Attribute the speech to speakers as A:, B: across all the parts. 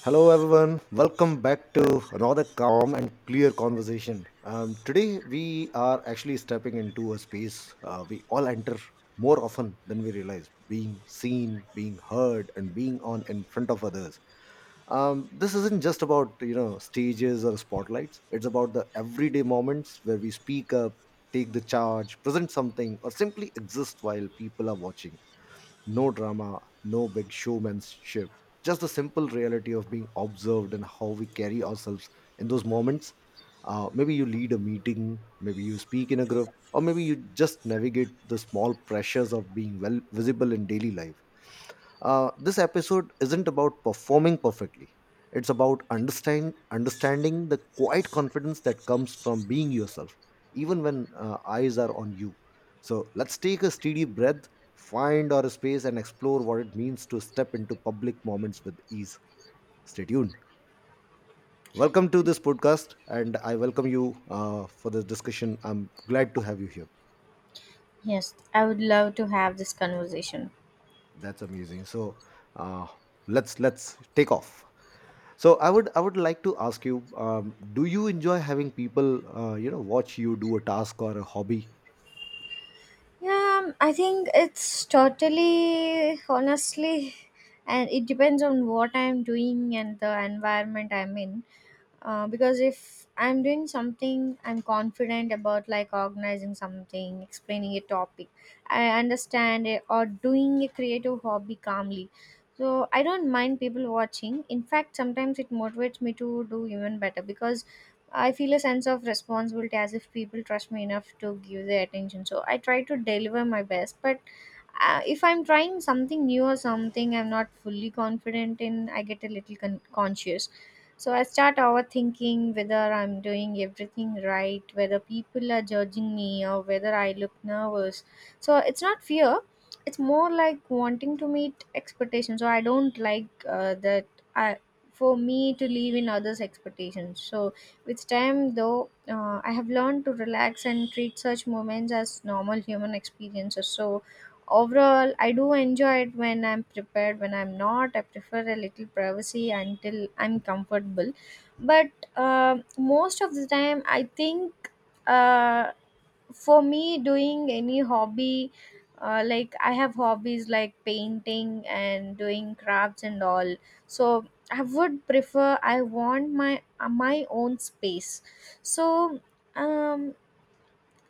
A: Hello, everyone. Welcome back to another calm and clear conversation. Today, we are actually stepping into a space we all enter more often than we realize being seen, being heard, and being on in front of others. This isn't just about, you know, stages or spotlights. It's about the everyday moments where we speak up, take the charge, present something, or simply exist while people are watching. No drama, no big showmanship, just the simple reality of being observed and how we carry ourselves in those moments. Maybe you lead a meeting, maybe you speak in a group, or maybe you just navigate the small pressures of being well visible in daily life. This episode isn't about performing perfectly. It's about understanding the quiet confidence that comes from being yourself, even when eyes are on you. So let's take a steady breath, find our space, and explore what it means to step into public moments with ease. Stay tuned. Welcome to this podcast, and I welcome you for this discussion. I'm glad to have you here.
B: Yes, I would love to have this conversation.
A: That's amazing. So uh, let's take off. So I would like to ask you, do you enjoy having people you know watch you do a task or a hobby?
B: Yeah, I think it's totally honestly, and it depends on what I'm doing and the environment I'm in. Because if I'm doing something, I'm confident about like organizing something, explaining a topic, I understand it, or doing a creative hobby calmly. So I don't mind people watching. In fact, sometimes it motivates me to do even better because I feel a sense of responsibility as if people trust me enough to give their attention. So I try to deliver my best, but if I'm trying something new or something I'm not fully confident in, I get a little conscious. So I start overthinking whether I'm doing everything right, whether people are judging me, or whether I look nervous. So it's not fear, it's more like wanting to meet expectations, so I don't like that I, for me to live in others expectations. So with time though, I have learned to relax and treat such moments as normal human experiences. So overall, I do enjoy it when I'm prepared. When I'm not, I prefer a little privacy until I'm comfortable. But most of the time, I think, uh, for me, doing any hobby, like I have hobbies like painting and doing crafts and all. So I would prefer. I want my my own space. So um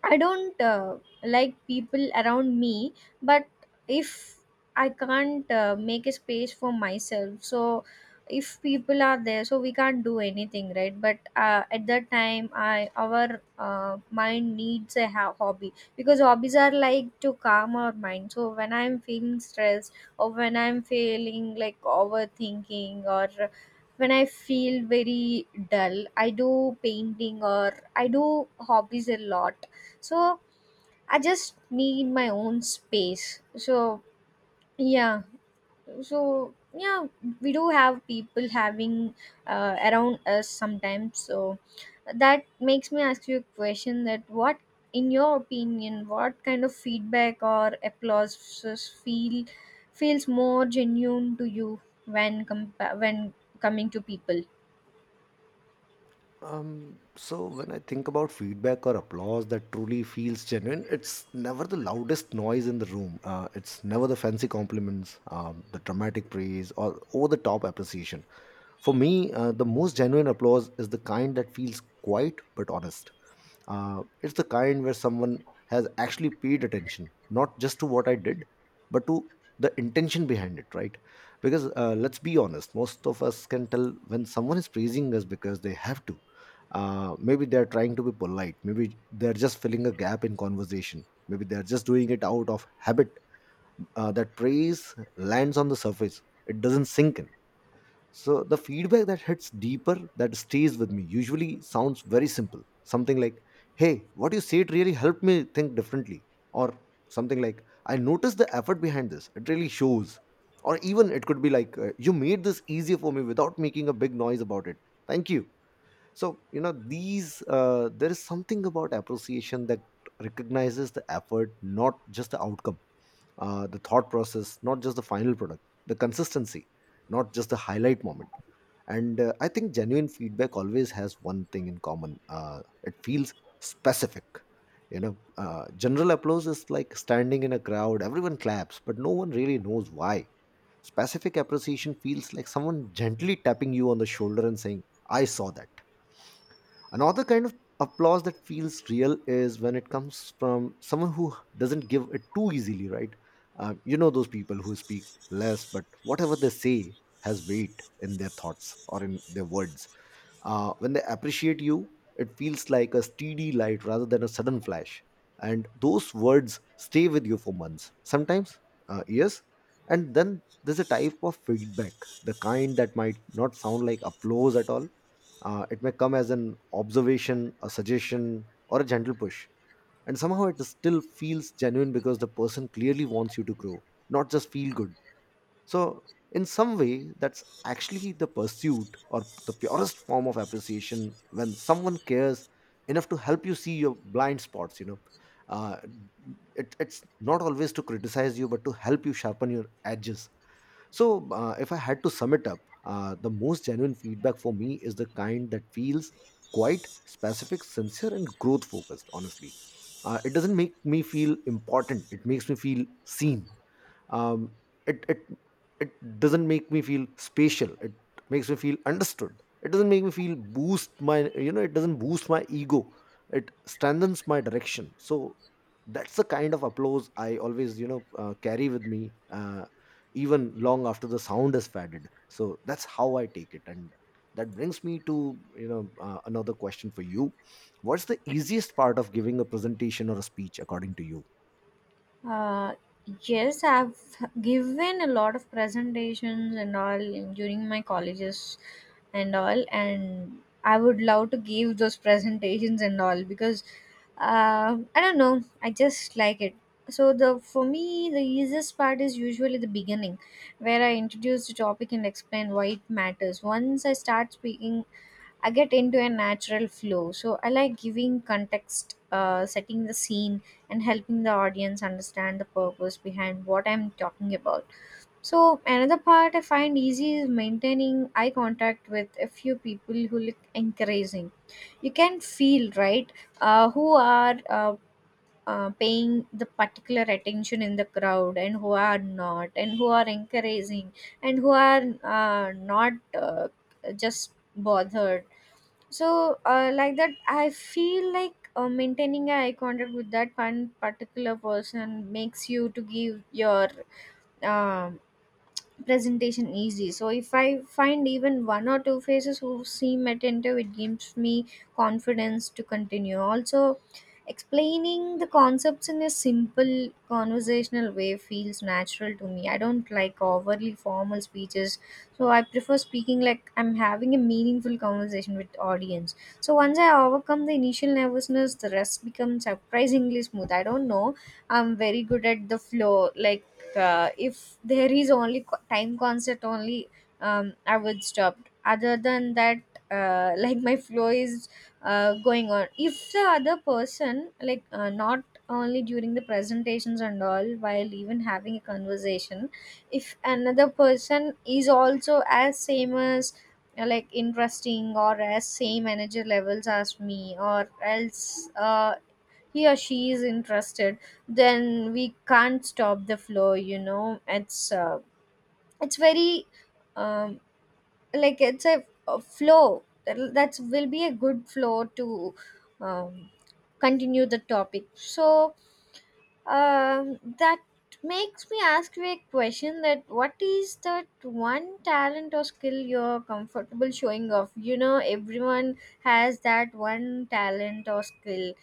B: I don't like people around me, but if I can't make a space for myself, so if people are there, so we can't do anything, right? But at that time, I, our mind needs a hobby because hobbies are like to calm our mind. So when I'm feeling stressed or when I'm feeling like overthinking, or when I feel very dull, I do painting or I do hobbies a lot. So I just need my own space. So yeah, so yeah, we do have people having around us sometimes. So that makes me ask you a question: that what, in your opinion, what kind of feedback or applauses feels more genuine to you when when coming to people?
A: So when I think about feedback or applause that truly feels genuine, it's never the loudest noise in the room. It's never the fancy compliments, the dramatic praise, or over-the-top appreciation. For me, the most genuine applause is the kind that feels quiet but honest. It's the kind where someone has actually paid attention, not just to what I did, but to the intention behind it, right? Because let's be honest, most of us can tell when someone is praising us because they have to. Maybe they're trying to be polite. Maybe they're just filling a gap in conversation. Maybe they're just doing it out of habit. That praise lands on the surface, it doesn't sink in. So the feedback that hits deeper, that stays with me, usually sounds very simple. Something like, hey, what you said really helped me think differently. Or something like, I noticed the effort behind this. It really shows. Or even it could be like, you made this easier for me without making a big noise about it. Thank you. So, you know, these, there is something about appreciation that recognizes the effort, not just the outcome, the thought process, not just the final product, the consistency, not just the highlight moment. And I think genuine feedback always has one thing in common, it feels specific. You know, general applause is like standing in a crowd, everyone claps, but no one really knows why. Specific appreciation feels like someone gently tapping you on the shoulder and saying, I saw that. Another kind of applause that feels real is when it comes from someone who doesn't give it too easily, right? You know those people who speak less, but whatever they say has weight in their thoughts or in their words. When they appreciate you, it feels like a steady light rather than a sudden flash. And those words stay with you for months, sometimes years. And then there's a type of feedback, the kind that might not sound like applause at all. It may come as an observation, a suggestion, or a gentle push. And somehow it still feels genuine because the person clearly wants you to grow, not just feel good. So, in some way, that's actually the pursuit or the purest form of appreciation when someone cares enough to help you see your blind spots. You know, uh, it's not always to criticize you, but to help you sharpen your edges. So, if I had to sum it up, the most genuine feedback for me is the kind that feels quite specific, sincere, and growth focused, honestly. It doesn't make me feel important, it makes me feel seen. um, it it doesn't make me feel spatial, it makes me feel understood. It doesn't make me feel boost my, you know, it doesn't boost my ego, it strengthens my direction. So that's the kind of applause I always, you know, carry with me, even long after the sound has faded. So that's how I take it. And that brings me to, you know, another question for you. What's the easiest part of giving a presentation or a speech according to you?
B: Uh, yes, I've given a lot of presentations and all during my colleges and all, and I would love to give those presentations and all because I don't know, I just like it. So the for me the easiest part is usually the beginning, where I introduce the topic and explain why it matters. Once I start speaking, I get into a natural flow. So I like giving context, setting the scene, and helping the audience understand the purpose behind what I'm talking about. So another part I find easy is maintaining eye contact with a few people who look encouraging. You can feel right who are. Paying the particular attention in the crowd and who are not, and who are encouraging and who are not, uh, just bothered. So, like that, I feel like maintaining eye contact with that one particular person makes you to give your um presentation easy. So if I find even one or two faces who seem attentive, it gives me confidence to continue. Also, explaining the concepts in a simple conversational way feels natural to me. I don't like overly formal speeches, so I prefer speaking like I'm having a meaningful conversation with audience. So once I overcome the initial nervousness, the rest becomes surprisingly smooth. I don't know. I'm very good at the flow, like if there is only time concept only, I would stop. Other than that, like my flow is going on if the other person like not only during the presentations and all, while even having a conversation, if another person is also as same as like interesting or as same energy levels as me, or else he or she is interested, then we can't stop the flow, you know. It's it's very, um, like it's a flow that will be a good flow to, um, continue the topic. So, that makes me ask you a question, that what is that one talent or skill you're comfortable showing off? You know, everyone has that one talent or skill.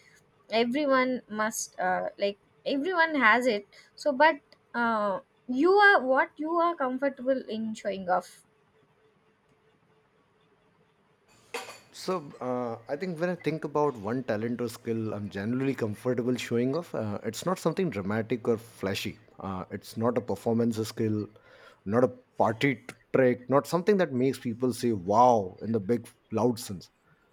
B: Everyone must, like, everyone has it. So but uh, you are what you are comfortable in showing off.
A: So, I think when I think about one talent or skill I'm generally comfortable showing off, it's not something dramatic or flashy. It's not a performance skill, not a party t- trick, not something that makes people say wow in the big loud sense.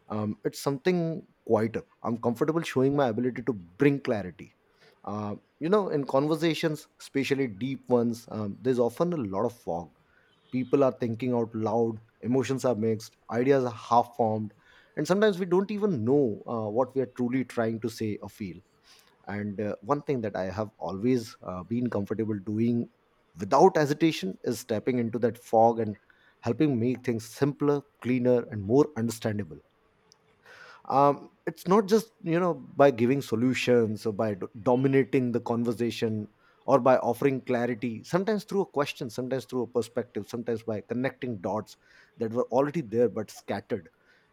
A: It's something quieter. I'm comfortable showing my ability to bring clarity. You know, in conversations, especially deep ones, there's often a lot of fog. People are thinking out loud, emotions are mixed, ideas are half formed, and sometimes we don't even know what we are truly trying to say or feel. And one thing that I have always been comfortable doing without hesitation is stepping into that fog and helping make things simpler, cleaner, and more understandable. It's not just, you know, by giving solutions or by dominating the conversation, or by offering clarity sometimes through a question, sometimes through a perspective, sometimes by connecting dots that were already there but scattered.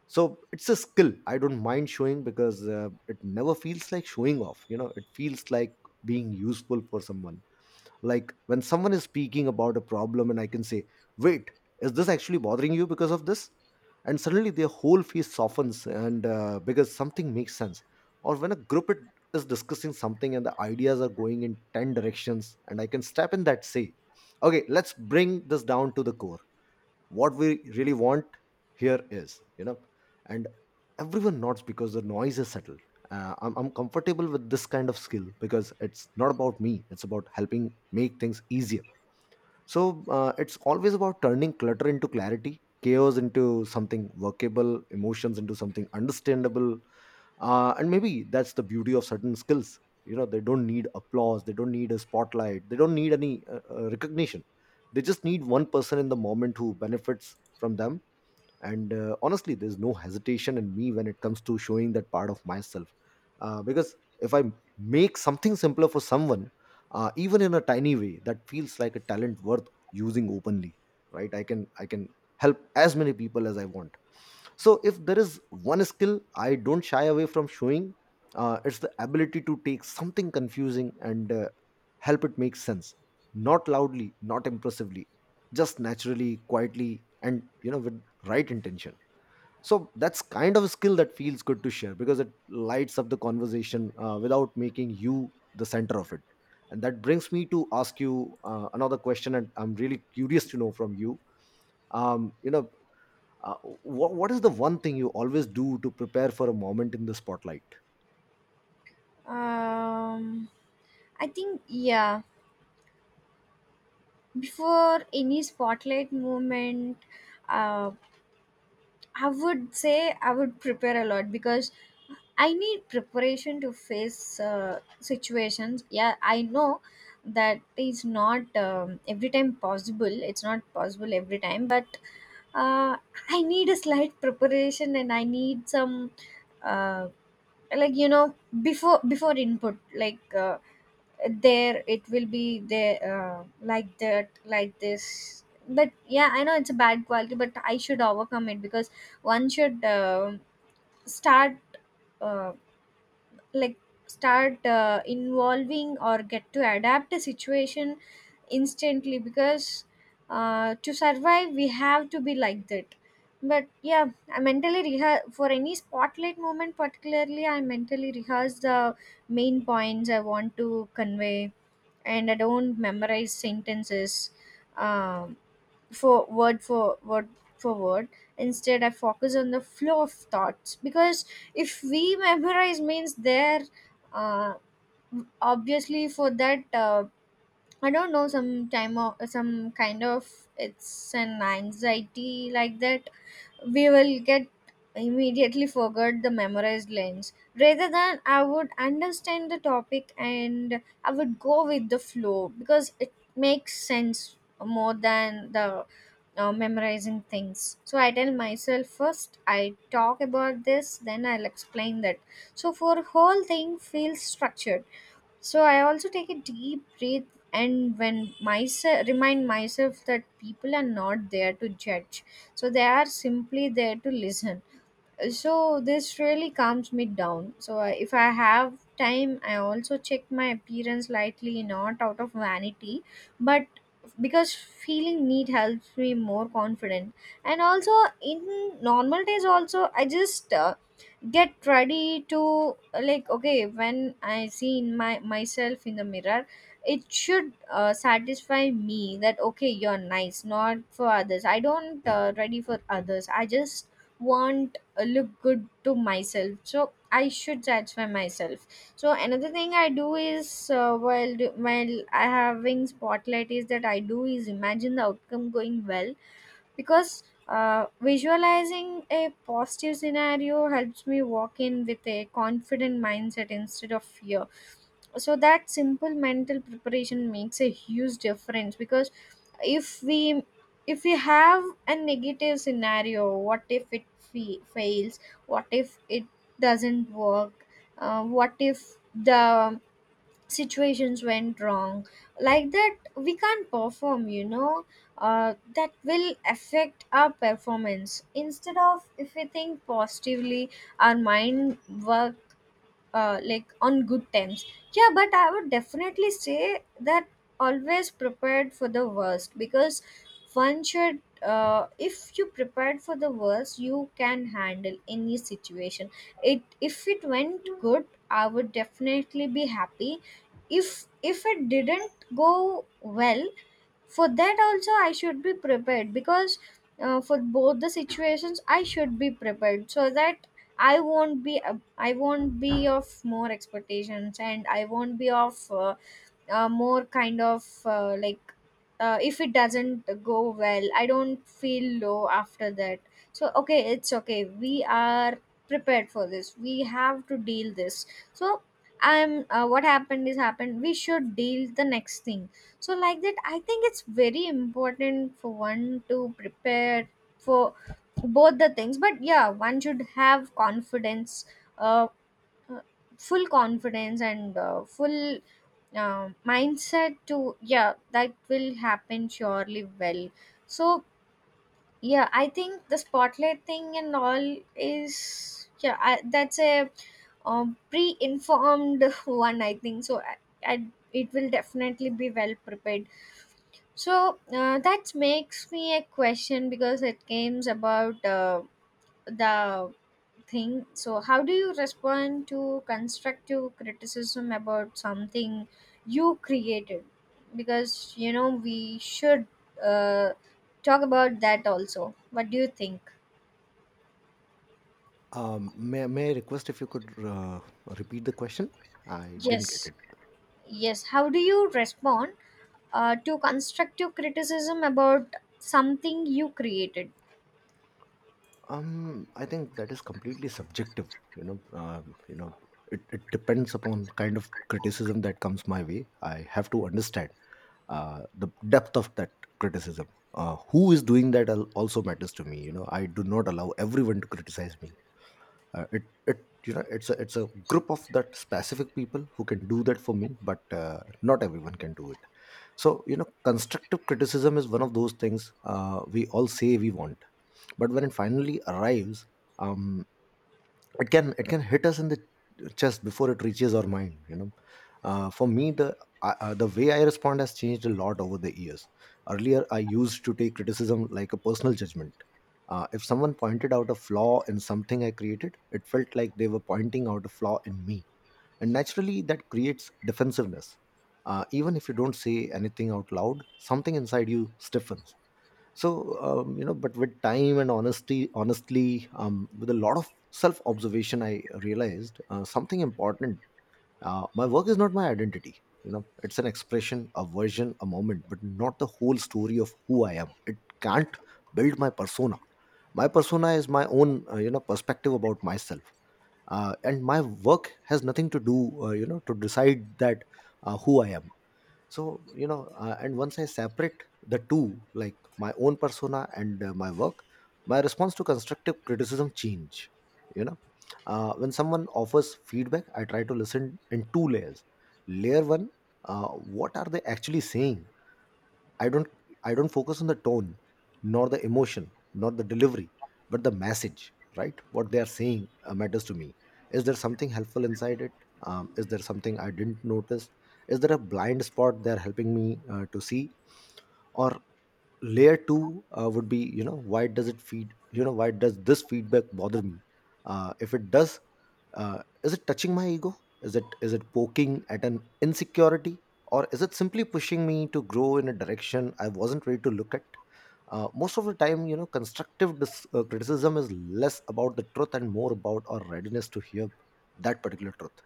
A: So it's a skill I don't mind showing because it never feels like showing off, you know. It feels like being useful for someone. Like when someone is speaking about a problem and I can say, wait, is this actually bothering you because of this? And suddenly their whole face softens, and because something makes sense. Or when a group it is discussing something and the ideas are going in 10 directions and I can step in that say, okay, let's bring this down to the core. What we really want here is, you know. And everyone nods because the noise is settled. I'm comfortable with this kind of skill because it's not about me, it's about helping make things easier. So it's always about turning clutter into clarity, chaos into something workable, emotions into something understandable. And maybe that's the beauty of certain skills, you know, they don't need applause, they don't need a spotlight, they don't need any recognition. They just need one person in the moment who benefits from them. And honestly, there's no hesitation in me when it comes to showing that part of myself. Because if I make something simpler for someone, even in a tiny way, that feels like a talent worth using openly, right? I can help as many people as I want. So if there is one skill I don't shy away from showing, it's the ability to take something confusing and help it make sense. Not loudly, not impressively, just naturally, quietly, and you know with right intention. So that's kind of a skill that feels good to share because it lights up the conversation without making you the center of it. And that brings me to ask you another question, and I'm really curious to know from you. You know, uh, what is the one thing you always do to prepare for a moment in the spotlight?
B: um I think, yeah, before any spotlight moment, uh, I would say I would prepare a lot because I need preparation to face situations. Yeah, I know that is not, every time possible. It's not possible every time, but uh, I need a slight preparation and I need some, uh, like you know, before input like, there it will be there, like that like this. But yeah, I know it's a bad quality, but I should overcome it because one should start. Um, like start involving or get to adapt a situation instantly, because to survive we have to be like that. But yeah, I mentally rehearse for any spotlight moment. Particularly, I mentally rehearse the main points I want to convey, and I don't memorize sentences, um, for word for word for word Instead, I focus on the flow of thoughts, because if we memorize means there, uh, obviously for that, I don't know, some time of some kind of, it's an anxiety like that, we will get immediately forget the memorized lines. Rather than, I would understand the topic and I would go with the flow because it makes sense more than the memorizing things. So I tell myself, first I talk about this, then I'll explain that, so for whole thing feels structured. So I also take a deep breath and when myself remind myself that people are not there to judge. So they are simply there to listen. So this really calms me down. So if I have time, I also check my appearance lightly, not out of vanity, but because feeling need helps me more confident. And also in normal days also, I just get ready to, like okay, when I see in my myself in the mirror, it should satisfy me that okay, you're nice, not for others. I don't ready for others, I just want look good to myself, so I should satisfy myself. So another thing I do is while while I having spotlight is that I do is imagine the outcome going well, because visualizing a positive scenario helps me walk in with a confident mindset instead of fear. So that simple mental preparation makes a huge difference, because if we if we have a negative scenario, what if it fails, what if it doesn't work, what if the situations went wrong, like that we can't perform, you know. That will affect our performance instead of, if we think positively, our mind work, like on good times. Yeah, but I would definitely say that always prepared for the worst, because one should, if you prepared for the worst you can handle any situation. It, if it went good, I would definitely be happy. If it didn't go well, for that also I should be prepared, because for both the situations I should be prepared, so that I won't be I won't be of more expectations, and I won't be of, more kind of, like, if it doesn't go well I don't feel low after that. So okay, it's okay, we are prepared for this, we have to deal this. So I'm, what happened is happened, we should deal the next thing. So like that, I think it's very important for one to prepare for both the things. But yeah, one should have confidence, uh, uh, full confidence and full mindset to, yeah, that will happen surely well. So yeah, I think the spotlight thing and all is, yeah, that's a, pre-informed one, I think so. I, it will definitely be well prepared. So that makes me a question because it comes about the thing. So how do you respond to constructive criticism about something you created? Because you know we should uh, talk about that also. What do you think?
A: May I request if you could repeat the question? I didn't get
B: Yes,
A: it.
B: yes. How do you respond to constructive criticism about something you created?
A: I think that is completely subjective. You know, it depends upon kind of criticism that comes my way. I have to understand. The depth of that criticism. Who is doing that also matters to me. I do not allow everyone to criticize me. It it you know It's a group of that specific people who can do that for me, but not everyone can do it. So constructive criticism is one of those things we all say we want, but when it finally arrives, um it can hit us in the chest before it reaches our mind. For me, the I the way I respond has changed a lot over the years. Earlier, I used to take criticism like a personal judgment. If someone pointed out a flaw in something I created, it felt like they were pointing out a flaw in me, and naturally that creates defensiveness. Even if you don't say anything out loud, something inside you stiffens. So but with time and honesty, honestly, with a lot of self observation, I realized something important. My work is not my identity. It's an expression, a version, a moment, but not the whole story of who I am. It can't build my persona. My persona is my own perspective about myself. And my work has nothing to do to decide that, who I am. So and once I separate the two, like my own persona and my work, my response to constructive criticism change you know when someone offers feedback, I try to listen in two layers. Layer one, uh, what are they actually saying? I don't I don't focus on the tone, nor the emotion, nor the delivery, but the message, right? What they are saying matters to me. Is there something helpful inside it? Is there something I didn't notice? Is there a blind spot they are helping me to see? Or layer two would be, you know, why does this feedback bother me, if it does? Is it touching my ego? Is it poking at an insecurity, or is it simply pushing me to grow in a direction I wasn't ready to look at? Most of the time, you know, constructive criticism is less about the truth and more about our readiness to hear that particular truth.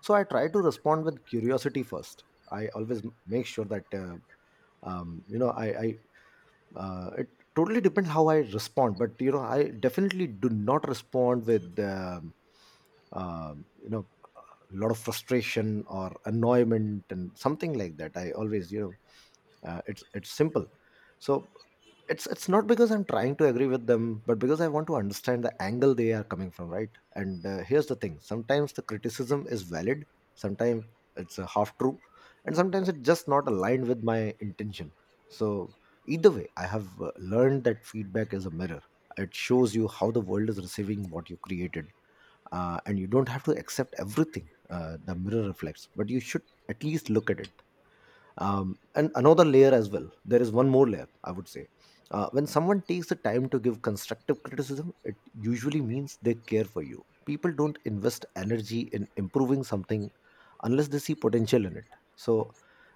A: So I try to respond with curiosity first. I always make sure that you know I it totally depends how I respond, but you know I definitely do not respond with um, you know a lot of frustration or annoyment and something like that. I always, you know, it's simple. So it's not because I'm trying to agree with them, but because I want to understand the angle they are coming from, right? And here's the thing, sometimes the criticism is valid, sometimes it's a half true, and sometimes it's just not aligned with my intention. So either way, I have learned that feedback is a mirror. It shows you how the world is receiving what you created. And you don't have to accept everything the mirror reflects, but you should at least look at it. And another layer as well, there is one more layer, I would say. When someone takes the time to give constructive criticism, it usually means they care for you. People don't invest energy in improving something unless they see potential in it. So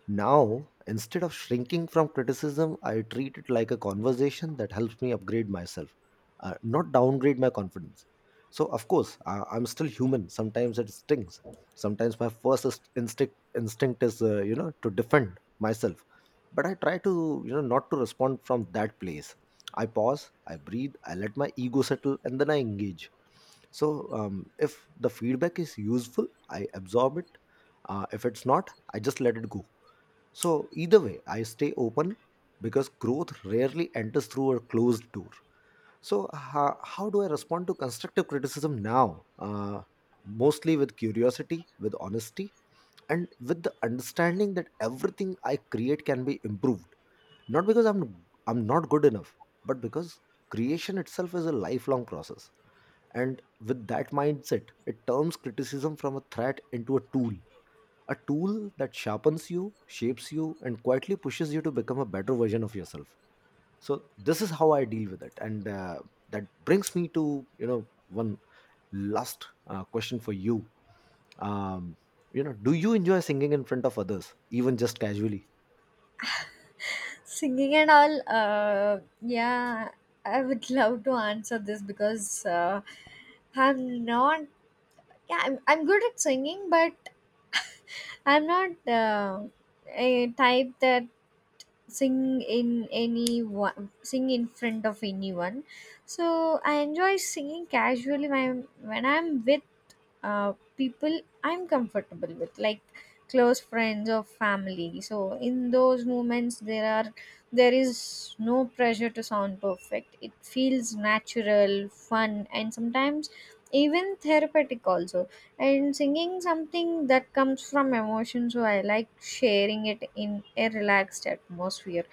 A: now, instead of shrinking from criticism, I treat it like a conversation that helps me upgrade myself, not downgrade my confidence. So of course, I'm still human. Sometimes it stings. Sometimes my first instinct is to defend myself, but I try to, you know, not to respond from that place. I pause, I breathe, I let my ego settle, and then I engage. So if the feedback is useful, I absorb it. If it's not, I just let it go. So either way, I stay open, because growth rarely enters through a closed door. So, how do I respond to constructive criticism now? Mostly with curiosity, with honesty, and with the understanding that everything I create can be improved. Not because I'm not good enough, but because creation itself is a lifelong process. And with that mindset, it turns criticism from a threat into a tool, a tool that sharpens you, shapes you, and quietly pushes you to become a better version of yourself. So this is how I deal with it. And that brings me to, you know, one last question for you. um, you know, do you enjoy singing in front of others, even just casually?
B: Singing and all. Yeah, I would love to answer this because I'm not. Yeah, I'm good at singing, but I'm not a type that sing in any one, sing in front of anyone. So I enjoy singing casually when I'm with people I'm comfortable with, like close friends or family. So in those moments, there is no pressure to sound perfect. It feels natural, fun, and sometimes even therapeutic also. And singing something that comes from emotion, so I like sharing it in a relaxed atmosphere.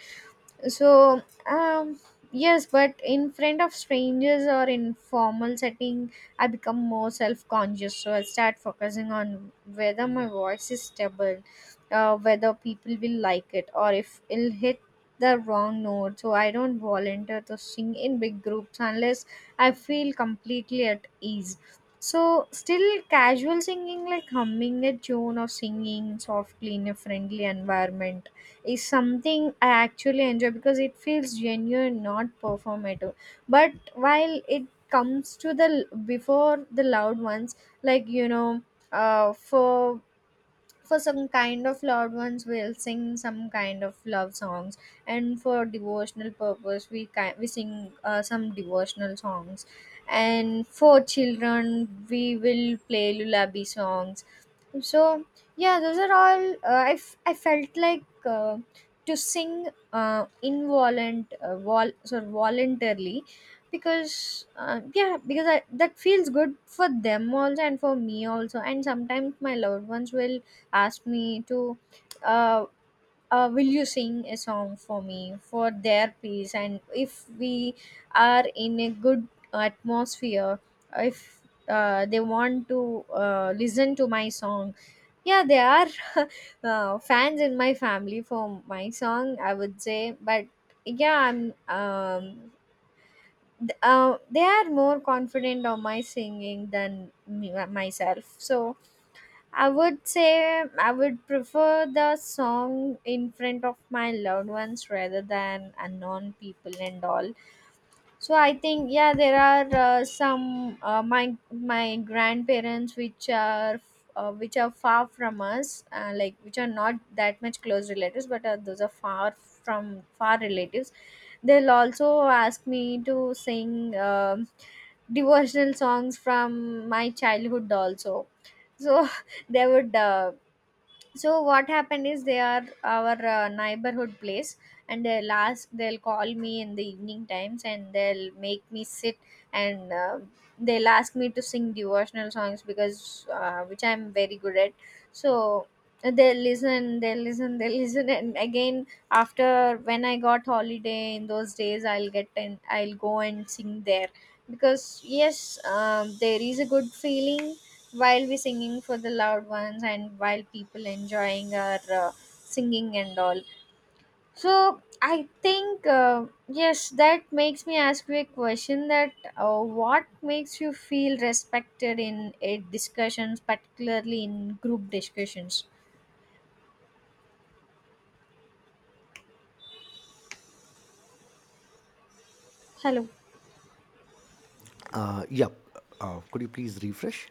B: So, um yes, but in front of strangers or in formal setting, I become more self-conscious. So I start focusing on whether my voice is stable, whether people will like it, or if it'll hit the wrong note. So I don't volunteer to sing in big groups unless I feel completely at ease. So still, casual singing like humming a tune or singing softly in a friendly environment is something I actually enjoy because it feels genuine, not performative. But while it comes to the before the loud ones, like you know, uh, for for some kind of loud ones, we'll sing some kind of love songs, and for devotional purpose, we sing some devotional songs, and for children, we will play lullaby songs. So yeah, those are all, I felt like to sing, sorry, voluntarily, because yeah, because that feels good for them also and for me also. And sometimes my loved ones will ask me to, uh, will you sing a song for me for their piece. And if we are in a good atmosphere, if they want to listen to my song. Yeah, there are fans in my family for my song, I would say. But yeah, I'm. They are more confident on my singing than me, myself. So I would say I would prefer the song in front of my loved ones rather than unknown people and all. So I think yeah, there are some my grandparents which are far from us, like which are not that much close relatives, but those are far from far relatives. They'll also ask me to sing devotional songs from my childhood also. So they would. So what happened is they are our neighborhood place, and they'll call me in the evening times and they'll make me sit, and they'll ask me to sing devotional songs, because which I'm very good at. So they'll listen, they'll listen, they'll listen and again, after when I got holiday in those days, I'll get and I'll go and sing there, because yes, there is a good feeling while we singing for the loved ones and while people enjoying our singing and all. So I think, yes, that makes me ask you a question that, what makes you feel respected in a discussions, particularly in group discussions? Hello?
A: Yep. Could you please refresh?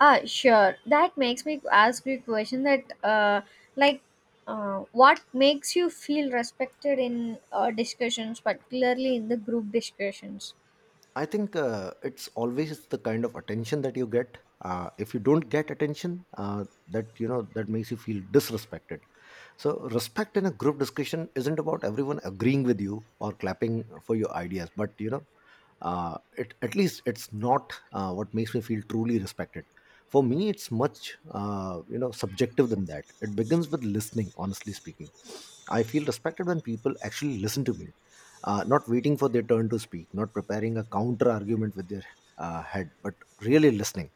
B: Ah sure, that makes me ask you a question that, like, what makes you feel respected in discussions, particularly in the group discussions?
A: I think it's always the kind of attention that you get. If you don't get attention, that, you know, that makes you feel disrespected. So, respect in a group discussion isn't about everyone agreeing with you or clapping for your ideas, but, you know, it, at least it's not what makes me feel truly respected. For me, it's much subjective than that. It begins with listening. Honestly speaking, I feel respected when people actually listen to me, not waiting for their turn to speak, not preparing a counter argument with their head, but really listening.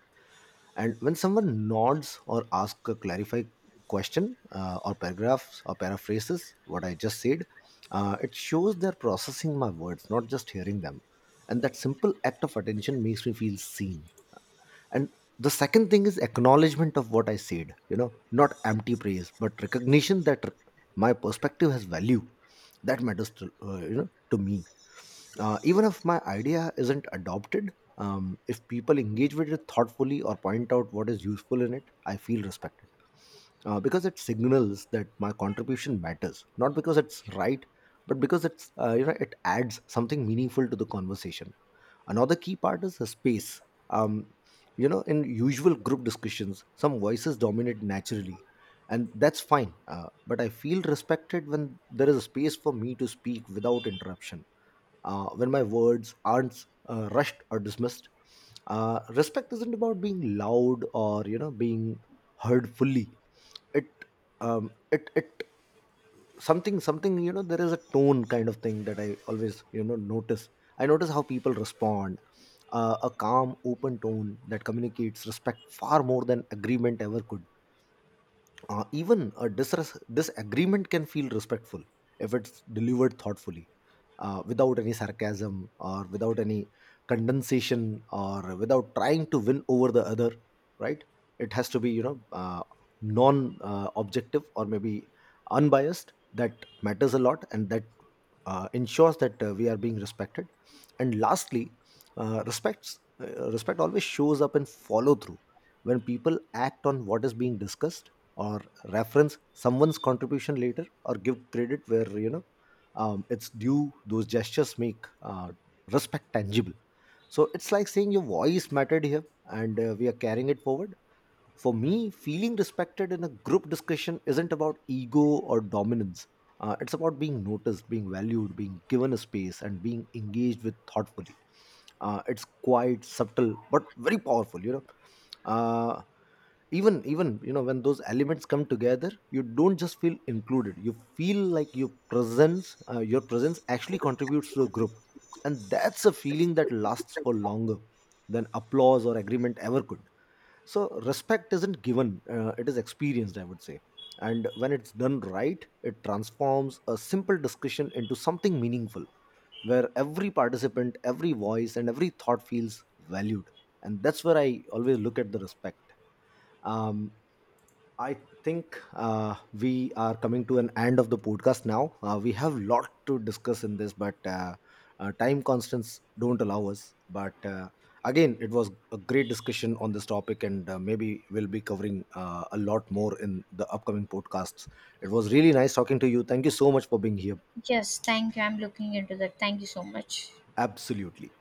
A: And when someone nods or asks a clarify question or paragraphs or paraphrases what I just said, it shows they're processing my words, not just hearing them. And that simple act of attention makes me feel seen. And the second thing is acknowledgement of what I said. You know, not empty praise, but recognition that my perspective has value. That matters to, to me. Even if my idea isn't adopted, if people engage with it thoughtfully or point out what is useful in it, I feel respected. Because it signals that my contribution matters, not because it's right, but because it's, it adds something meaningful to the conversation. Another key part is the space. Um, you know, in usual group discussions, some voices dominate naturally, and that's fine. But I feel respected when there is a space for me to speak without interruption, when my words aren't rushed or dismissed. Respect isn't about being loud or, you know, being heard fully. It it something, you know, there is a tone kind of thing that I always, you know, notice. I notice how people respond. A calm, open tone that communicates respect far more than agreement ever could. Even a disagreement can feel respectful if it's delivered thoughtfully, without any sarcasm or without any condensation, or without trying to win over the other, right? It has to be, you know, non objective, or maybe unbiased. That matters a lot, and that ensures that we are being respected. And lastly, respect always shows up in follow through, when people act on what is being discussed or reference someone's contribution later, or give credit where, you know, it's due. Those gestures make respect tangible. So it's like saying your voice mattered here and we are carrying it forward. For me, feeling respected in a group discussion isn't about ego or dominance. It's about being noticed, being valued, being given a space, and being engaged with thoughtfully. It's quite subtle but very powerful. You know, uh, even you know, when those elements come together, you don't just feel included. You feel like your presence actually contributes to the group, and that's a feeling that lasts for longer than applause or agreement ever could. So respect isn't given, it is experienced, I would say. And when it's done right, it transforms a simple discussion into something meaningful, where every participant, every voice, and every thought feels valued. And that's where I always look at the respect. Um, I think we are coming to an end of the podcast now. We have lot to discuss in this, but time constants don't allow us. But again, it was a great discussion on this topic, and maybe we'll be covering a lot more in the upcoming podcasts. It was really nice talking to you. Thank you so much for being here.
B: Yes, thank you. I'm looking into that. Thank you so much.
A: Absolutely.